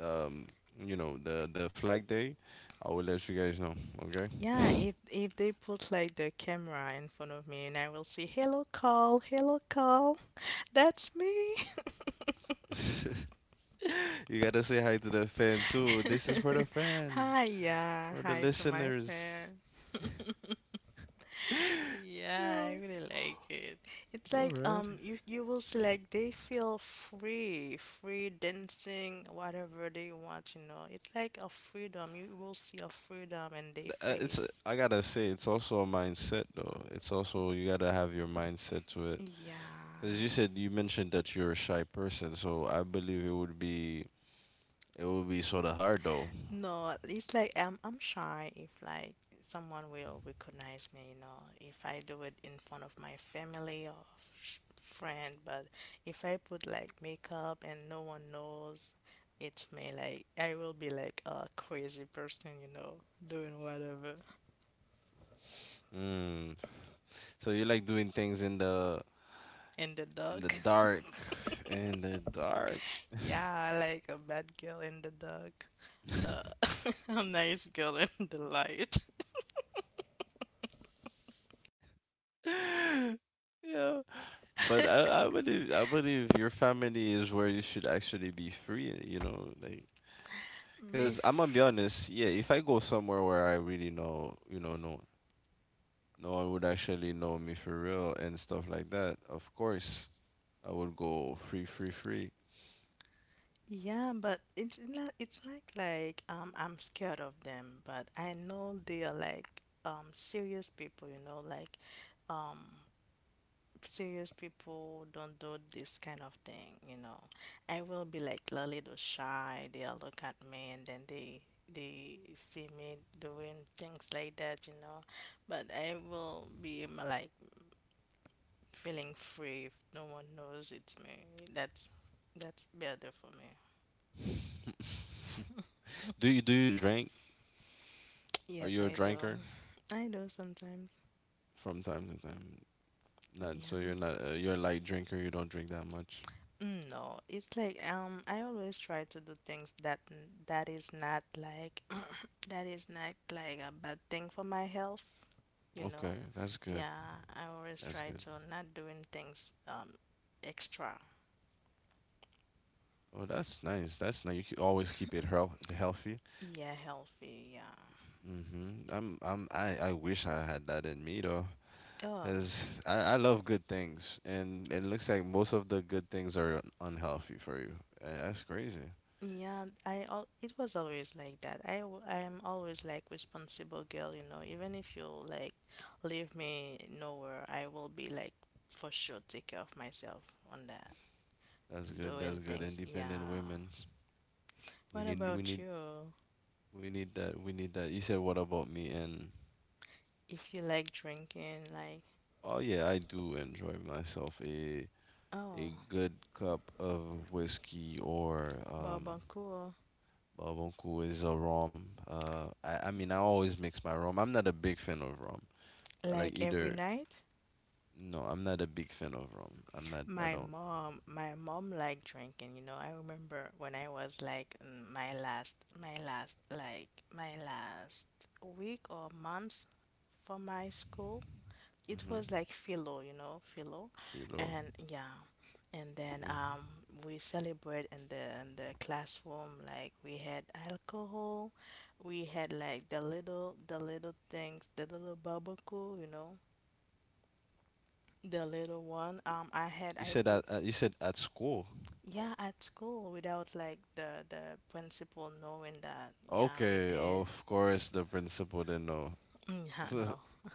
um the flag day, I will let you guys know, okay?
Yeah, if they put like the camera in front of me, and I will say, "Hello, Carl. Hello, Carl. That's me."
You gotta say hi to the fan too. This is for the fan
Hi, yeah.
or the
Hi to my
listeners.
fan. Yeah,
Yeah.
I really like it. It's
All
like
right.
you you will see like they feel free, free dancing, whatever they want, you know. It's like a freedom. You will see a freedom in their
It's
face.
I gotta say, it's also a mindset though. It's also you gotta have your mindset to it. Because
Yeah.
you said you mentioned that you're a shy person, so I believe it would be sort of hard though.
No, it's like I'm shy if like someone will recognize me, you know, if I do it in front of my family or friend, but if I put like makeup and no one knows it's me, like I will be like a crazy person, you know, doing whatever
Mm. So you like doing things in the
in the dark.
dark, in the dark.
Yeah, like a bad girl in the dark. Uh, a nice girl in the light.
Yeah, but I believe your family is where you should actually be free. You know, like
Be.
because I'm gonna be honest. Yeah, if I go somewhere where I really know, no one would actually know me for real and stuff like that. Of course. I would go free, free, free.
Yeah, but it's not like I'm scared of them, but I know they are like serious people, you know, like um serious people don't do this kind of thing, you know. I will be like a little shy, they'll look at me, and then they see me doing things like that, you know. But I will be like feeling free if no one knows it's me. That's that's better for me.
Do you drink? Are
Yes,
you a
I do.
drinker
I do sometimes.
from time to time? Not, so you're
Yeah.
not, you're a light drinker. You don't drink that much.
Mm, no, it's like I always try to do things that is not like that is not like a bad thing for my health, you
Okay,
know.
that's good.
Yeah, I always
That's
try
good.
to not doing things extra.
Oh, that's nice. That's nice. You always keep it healthy.
Yeah, healthy, yeah.
I wish I had that in me though,
Oh,
cause I love good things, and it looks like most of the good things are unhealthy for you. That's crazy.
yeah, I al it was always like that. I'm always like responsible girl, you know. Even if you like leave me nowhere, I will be like for sure take care of myself on that.
That's good.
Doing
That's good.
things,
Independent
yeah.
women. We
What
need we
about
need
you?
we need that, we need that. You said what about me? And
If you like drinking, like
Oh yeah, I do enjoy myself a
oh,
a good cup of whiskey or
bourbon cool,
babonku is a rum. I mean I always mix my rum. I'm not a big fan of rum. I like
like every
either.
night?
No, I'm not a big fan of rum. I'm not. I don't.
My mom liked drinking, you know. I remember when I was like in my last, like my last week or months for my school. It
Mhm.
was like philo, you know, philo,
Philo.
and yeah, and then
Mhm.
we celebrate in the classroom. Like we had alcohol, we had like the little things, the little barbecue, you know the little one, I had
You
I
said
put
at you said at school.
yeah at school without like the principal knowing that yeah we
Okay,
did.
of course the principal didn't know.
Yeah,
hmm
no.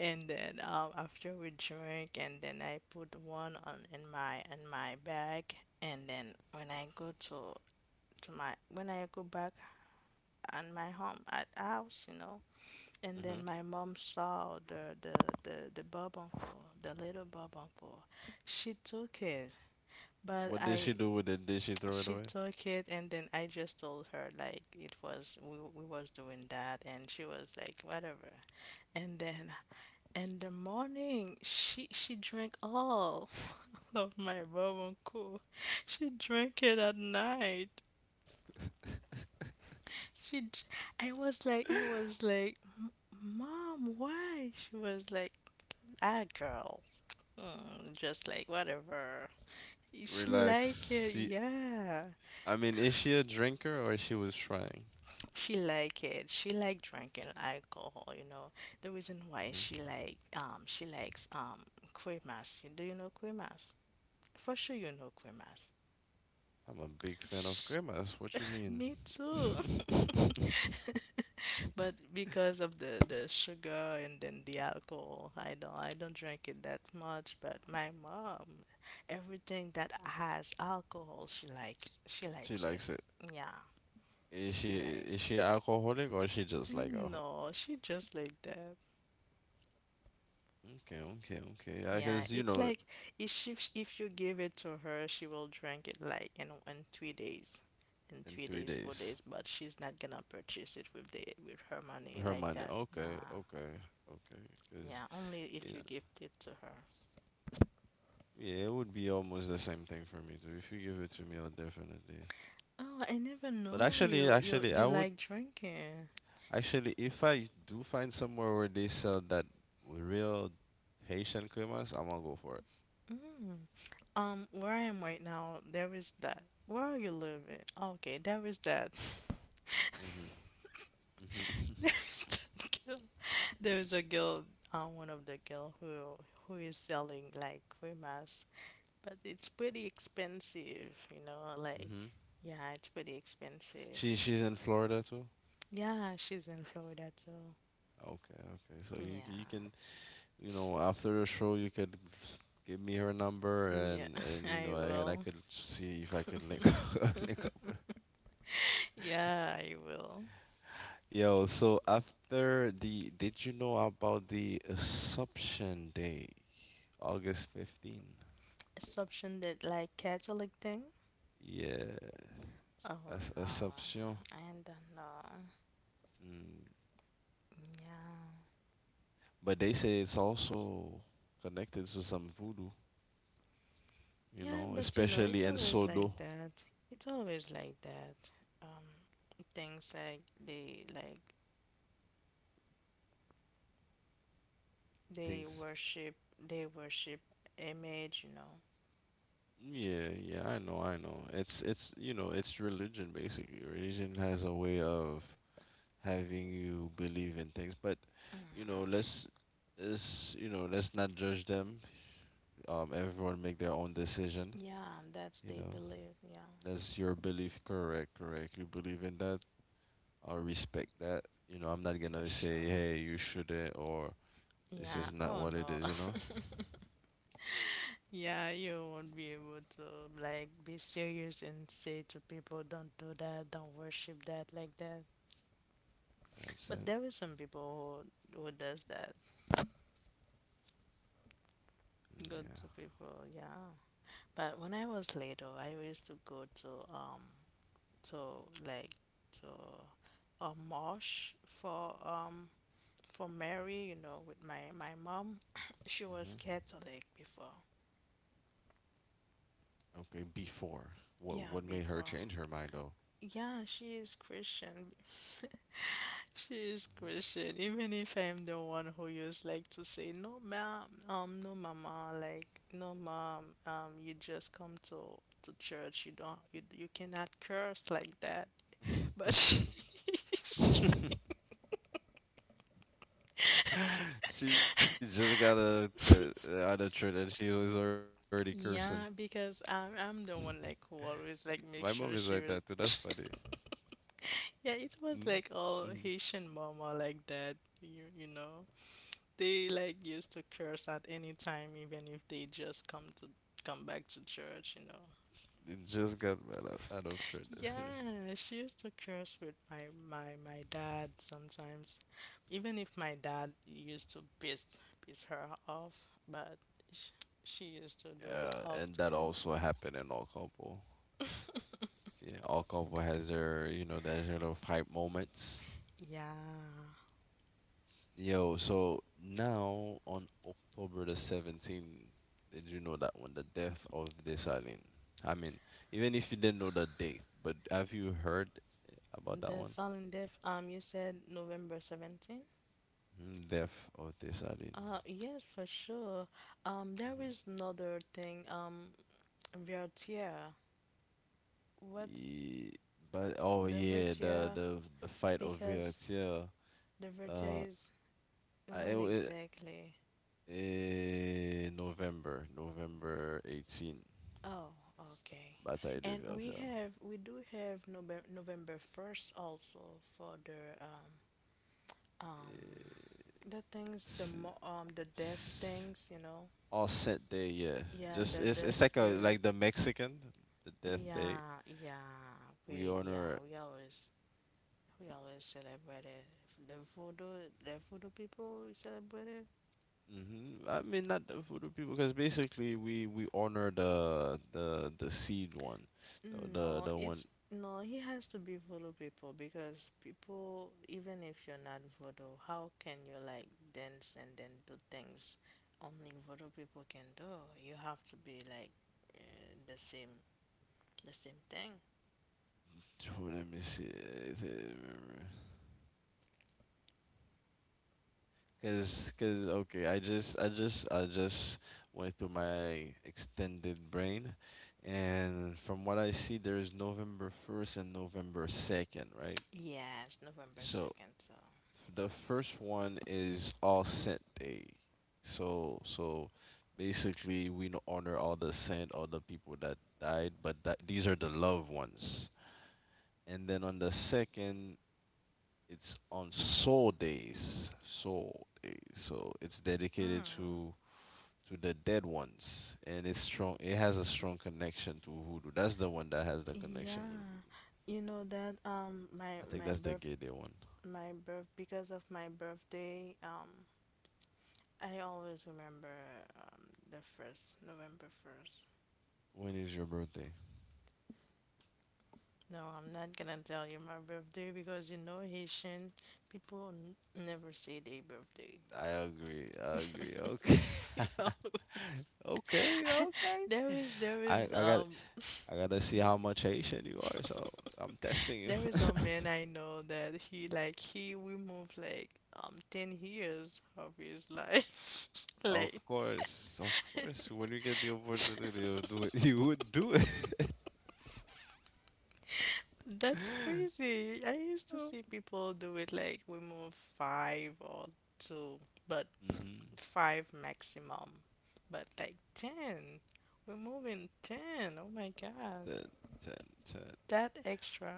And then after we drank and then I put one on in my bag and then when I go to my when I go back on my home at house, you know. And then my mom saw the bob uncle, the little bob uncle. She took it. But
What did she
I,
do with it? Did she throw it
she
away?
took it, and then I just told her like it was we was doing that, and she was like whatever. And then in the morning, she drank all of my bourbon cool. She drank it at night. She, j- I was like, "M- Mom, why?" She was like, ah, girl, just like whatever. She like
Relax.
it,
She,
yeah.
I mean, is she a drinker or she was trying?
She like it. She like drinking alcohol, you know. The reason why
hmm
she likes cremas. Do you know cremas? For sure you know cremas.
I'm a big fan of
Sh-
cremas. What you mean?
Me too. But because of the sugar and then the alcohol, I don't drink it that much, but my mom, everything that has alcohol, she
She
likes it.
likes it.
Yeah,
Is she
she
is
likes it.
she alcoholic or she just like alcohol?
No, she just like that.
Okay, okay, okay. I
Yeah,
guess,
it's like if she, if you give it to her, she will drink it like in 3 days, in
in
three
three
days, four
days
days. But she's not gonna purchase it with the with her
with
money
her
like
money.
that.
Okay,
Yeah,
okay, okay. Because,
yeah. Only
you
if
know,
you gift it to her.
yeah, it would be almost the same thing for me too. If you give it to me, I'll definitely.
Oh, I never
But
know
actually,
you you
actually, I
you
would
like drinking.
actually if I do find somewhere where they sell that real Haitian cremas, I'm gonna go for it.
Mm. Where I am right now, there is that. Where are you living? Okay, there is that.
Mhm. Mhm.
There's that girl. There's a girl, one of the girl who is selling like free masks, but it's pretty expensive, you know. Like,
Mhm.
yeah, it's pretty expensive.
She's in Florida too.
Yeah, she's in Florida too.
Okay, okay. So you you can
Yeah,
after the show you could give me her number
yeah,
and
I
and I
will.
could see if I could link link up.
Yeah, I will.
Yo, so after the did you know about the Assumption Day, August 15?
Assumption that like Catholic thing.
Yeah.
Oh
As
no,
Assumption.
I don't know.
Mm.
Yeah.
But they say it's also connected to some voodoo,
Yeah, but you know,
especially
it's
in
always
Sodo
like that. It's always like that. Um, things like they like they
things.
worship they worship image, you know.
Yeah, yeah, I know, I know. It's religion basically. Religion has a way of having you believe in things, but let's is let's not judge them. Everyone make their own decision.
Yeah, that's
You
they
know,
believe. Yeah,
that's your belief. Correct, correct. You believe in that. I will respect that. You know, I'm not
for
gonna say,
sure.
hey, you shouldn't, or this is
Yeah.
not
Oh
what it
no.
is. You know,
Yeah, you won't be able to like be serious and say to people, "Don't do that. Don't worship that like that."
that's
But
it.
there is some people who does that.
Mm,
Good to people. Yeah. But when I was little, I used to go to to like to a marsh for Mary, you know, with my mom. She
yeah.
was Catholic before.
Okay. Before, what
Yeah,
made her change
before.
her mind though?
Yeah, she is Christian. She is Christian, even if I'm the one who used like to say, "No, ma no, mama, like, no, mom, you just come to church. You don't, you cannot curse like that." But
Mhm.
she's trying.
she just got out of church and she was already cursing.
Yeah, because I'm I'm the one like who
My
always
mom
like
is
make
like that
sure
too.
she
That's
was.
funny.
Yeah, it was
Mm-hmm.
like
Mm-hmm.
all Haitian mama like that. You know they like used to curse at any time, even if they just come to come back to church, you know.
It just got right out of church this year.
Yeah, she used to curse with my, my dad sometimes. Even if my dad used to piss her off, but sh- she used to do it
Yeah, and that
often.
also happened in our couple. Yeah, all couple has their, their little fight moments.
Yeah.
Yo, so now on October the 17th, did you know that one, the death of Dessalines? I mean, even if you didn't know the date, but have you heard about that
The
one?
silent death, you said November 17th?
Mhm. Death of Dessalines.
Yes, for sure. There
Hmm.
is another thing, Vertier. What's
Ye- But oh
the
yeah, the
Vertier?
the the fight of
Because
Vertier.
the
Uh,
Vertier is
I it,
when
wa-
exactly?
eh, November, November 18.
Oh, okay.
Batay
And we
2.0.
have we do have November 1st also for the um the things the
It's,
mo- the deaf
it's
things, you know.
all scent day, yeah.
Yeah,
Just
the
it's
deaf
like a
spirit.
like the Mexican, the death day.
yeah yeah
We
we yeah
honor.
we always we always celebrate it, the voodoo people we celebrate it.
Hmm. I mean, not the voodoo people, because basically we honor the seed one,
No,
the
it's
one.
no, he has to be voodoo people because people, even if you're not voodoo, how can you like dance and then do things only voodoo people can do? You have to be like uh, the same, the same thing.
Let me see. is it- okay, I just went through my extended brain, and from what I see, there is November 1st and November 2nd, right?
Yes, November
So
2nd, so.
the first one is All Saint Day. So basically, honor all the saint, all the people that died, but that these are the loved ones. And then on the second, it's on Soul Days, Soul Days. So it's dedicated
Mm.
to the dead ones, and it's strong. It has a strong connection to voodoo. That's the one that has the connection with
Yeah,
voodoo.
you know that my
I think
my
that's the
birth
gay day one.
my birth because of my birthday, I always remember the first November 1st.
When is your birthday?
No, I'm not gonna tell you my birthday because you know Haitian people n- never say their birthday.
I agree. I agree. Okay.
We always
Okay. Okay.
there is
I got, I gotta see
mhm.
how much Haitian you are. So I'm testing you.
There is a man I know that he removed like 10 years of his life.
Of
Like
course, of course. When you get the opportunity of do it, you would do it.
that's crazy. I used to see people do it like remove five or two, but
Mm-hmm.
five maximum, but like 10. We're moving 10. Oh my god.
Ten, ten, ten.
That extra.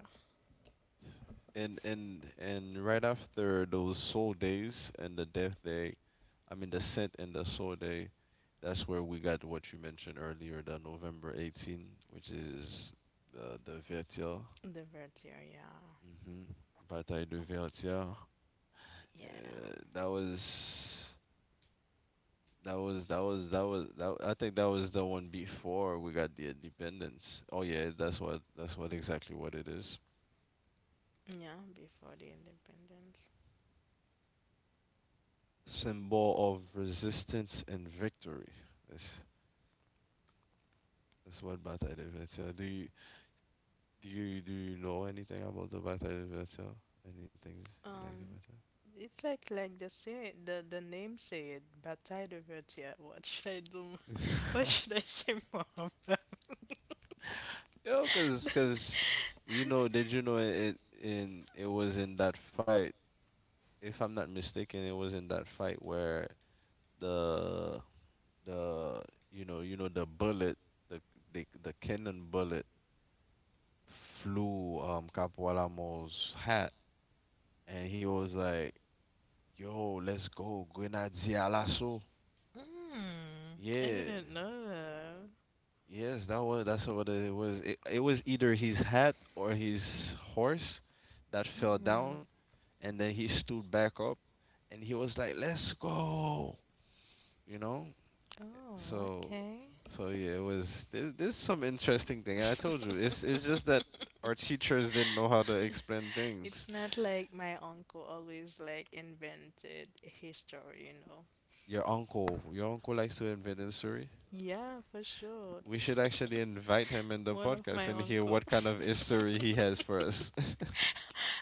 And right after those soul days and the death day, I mean the scent and the soul day, that's where we got what you mentioned earlier, the November 18, which is the Vertier.
The vertigo, yeah.
Hmm. Bataille de Vertier.
Yeah.
That was that was that was that was that I think that was the one before we got the independence. Oh yeah, that's what exactly what it is.
Yeah, before the independence.
Symbol of resistance and victory. Yes. That's what Bata de Vetia. Do you know anything about the Bata de Vetia? Anything you like to
Um,
mention?
it's like the say the name say it, Bataille de Vertier. What should I do? What should I say, mom?
Yo, cause you know, did you know it, in it was in that fight, if I'm not mistaken, it was in that fight where the the you know, the bullet, the the cannon bullet flew Capoalamo's hat, and he was like, "Yo, let's go, Grenadier Lasso."
Mm, I
Yeah.
didn't know that.
Yes, that was, that's what it was. It was either his hat or his horse that fell
Mm.
down, and then he stood back up, and he was like, "Let's go," you know.
Oh,
So,
okay.
so yeah, it was. There's some interesting thing. I told you, it's just that our teachers didn't know how to explain
It's
things.
not like my uncle always like invented history, you know.
Your uncle likes to invent history.
Yeah, for sure.
We should actually invite him in the
One of my
podcast and hear
uncle.
what kind of history he has for us.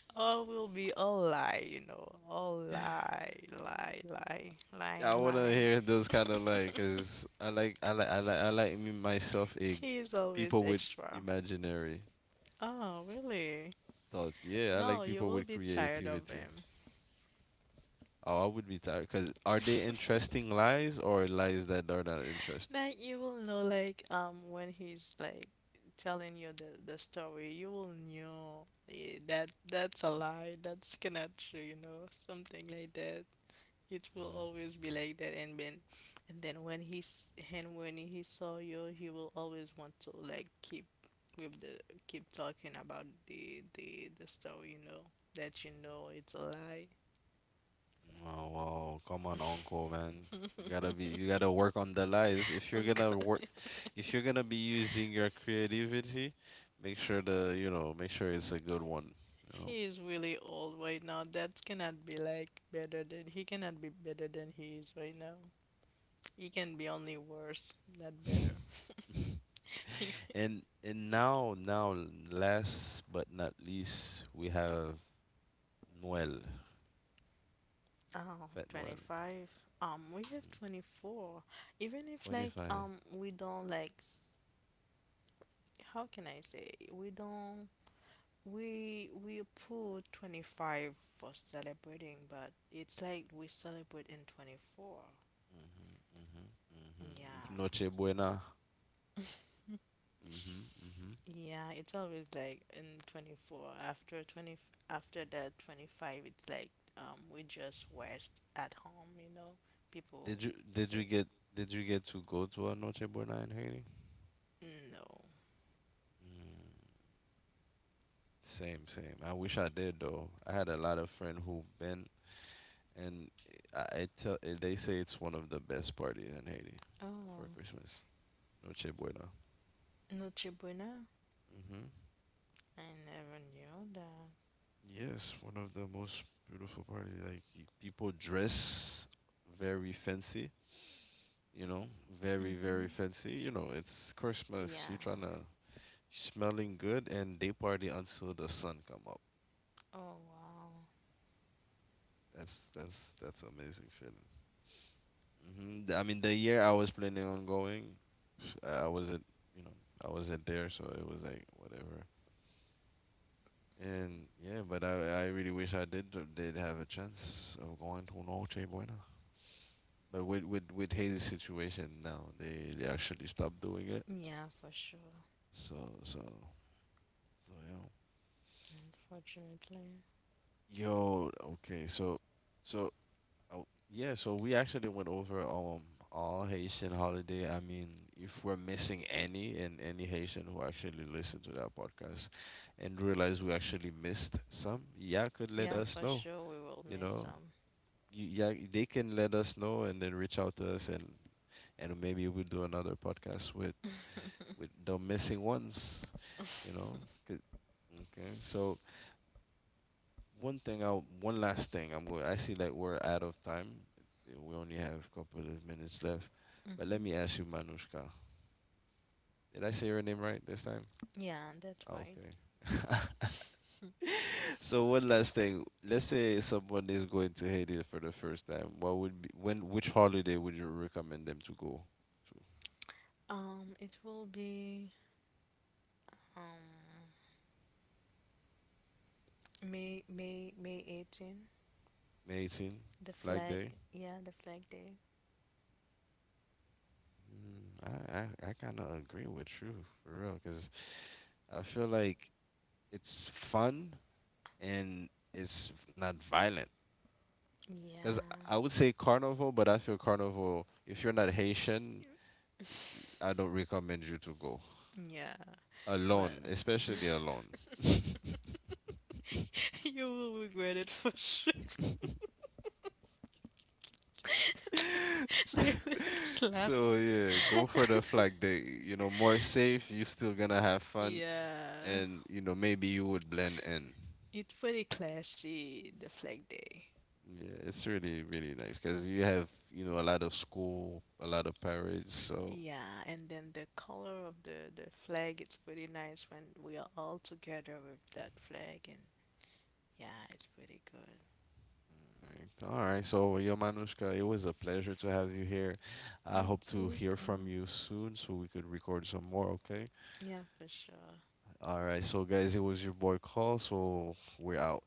All will be all lie, you know. All lie, lie, lie, lying,
Yeah, I wanna
lying.
hear those kind of, like, cause I like I like I like I like me myself a
He is always
people with
extra.
imaginary
Oh, really?
thought. Yeah, I
No,
like
you
people
will
with
be tired of him.
creativity. Oh, I would be tired. Cause are they interesting lies or lies that are not interesting?
Like you will know, like when he's like telling you the story, you will know eh, that that's a lie. That's cannot true. You know, something like that. It will
Hmm.
always be like that. And then when he's and when he saw you, he will always want to like keep with the keep talking about the story. You know that you know it's a lie.
Oh, wow, come on, uncle, man. You gotta work on the lies. If you're gonna
Uncle.
work, if you're gonna be using your creativity, make sure the you know make sure it's a good one. You know.
He is really old right now. That cannot be like better than he cannot be better than he is right now. He can be only worse, not better. Even-
And now, last but not least, we have Noel,
oh,
Fat Noel.
25. We have
Hmm.
24. Even if like
25.
we don't like s- how can I say? We don't we put 25 for celebrating, but it's like we celebrate in 24.
Mm-hmm, mm-hmm, mm-hmm. Noche
Yeah.
Buena. Mm-hmm, mm-hmm.
Yeah, it's always like in 24 after 20 after that 25 it's like we just rest at home, you know.
Did
People
you did you
say
get did you get to go to a Noche Buena in Haiti?
no.
Mm, same, same. I wish I did though. I had a lot of friends who been, and I tell they say it's one of the best parties in Haiti for
Oh,
Christmas. Noche Buena.
Noche Buena?
Mm-hmm.
I never knew that.
Yes, one of the most beautiful party. Like people dress very fancy, you know, very very
Mhm.
fancy. You know, it's Christmas. You're
Yeah.
trying to smelling good, and they party until the sun come up.
Oh, wow.
That's amazing feeling. Hmm. I mean, the year I was planning on going, I wasn't, you know, I wasn't there, so it was like whatever. And yeah, but I really wish I did have a chance of going to Noche Buena. But with Haiti's situation now, they actually stopped doing it.
Yeah, for sure.
So, so, so yeah.
Unfortunately.
Yo, okay. So, so, uh, yeah. So we actually went over all Haitian holiday. I mean, if we're missing any, and any Haitian who actually listened to that podcast and realize we actually missed some, yeah, could let
Yeah,
us
for
know.
sure we will
You
miss
know,
some.
yeah, they can let us know and then reach out to us, and maybe we'll do another podcast with the missing ones, you know. 'Cause- Okay, so one thing, I one last thing, I'm going. I see that we're out of time. We only have a couple of minutes left, but let me ask you, Manushka. Did I say your name right this time?
Yeah, that's
Oh, okay.
right.
So one last thing. Let's say someone is going to Haiti for the first time. What would be when? Which holiday would you recommend them to go to?
It will be um May 18,
May 18,
the
Flag
flag.
Day.
Yeah, the flag day.
Mm, I kind of agree with you for real, because I feel like it's fun and it's not violent. Because
Yeah.
I would say carnival, but I feel carnival, if you're not Haitian,
You-
I don't recommend you to go
Yeah, but
alone, especially alone.
you will regret it for sure. They will slap.
So yeah, go for the flag day. You know, more safe, you still gonna have fun,
Yeah.
and you know, maybe you would blend in.
It's pretty classy, the flag day.
Yeah, it's really, really nice because you have, you know, a lot of school, a lot of parents. So, all
Yeah, and then the color of the flag, it's pretty nice when we are all together with that flag, and yeah, it's pretty good.
right. All right. So, yo, Manushka, it was a pleasure to have you here. I
Me
hope to
too,
hear from
Cole.
you soon so we could record some more, okay?
Yeah, for sure.
All right. So, guys, it was your boy Call. So, we're out.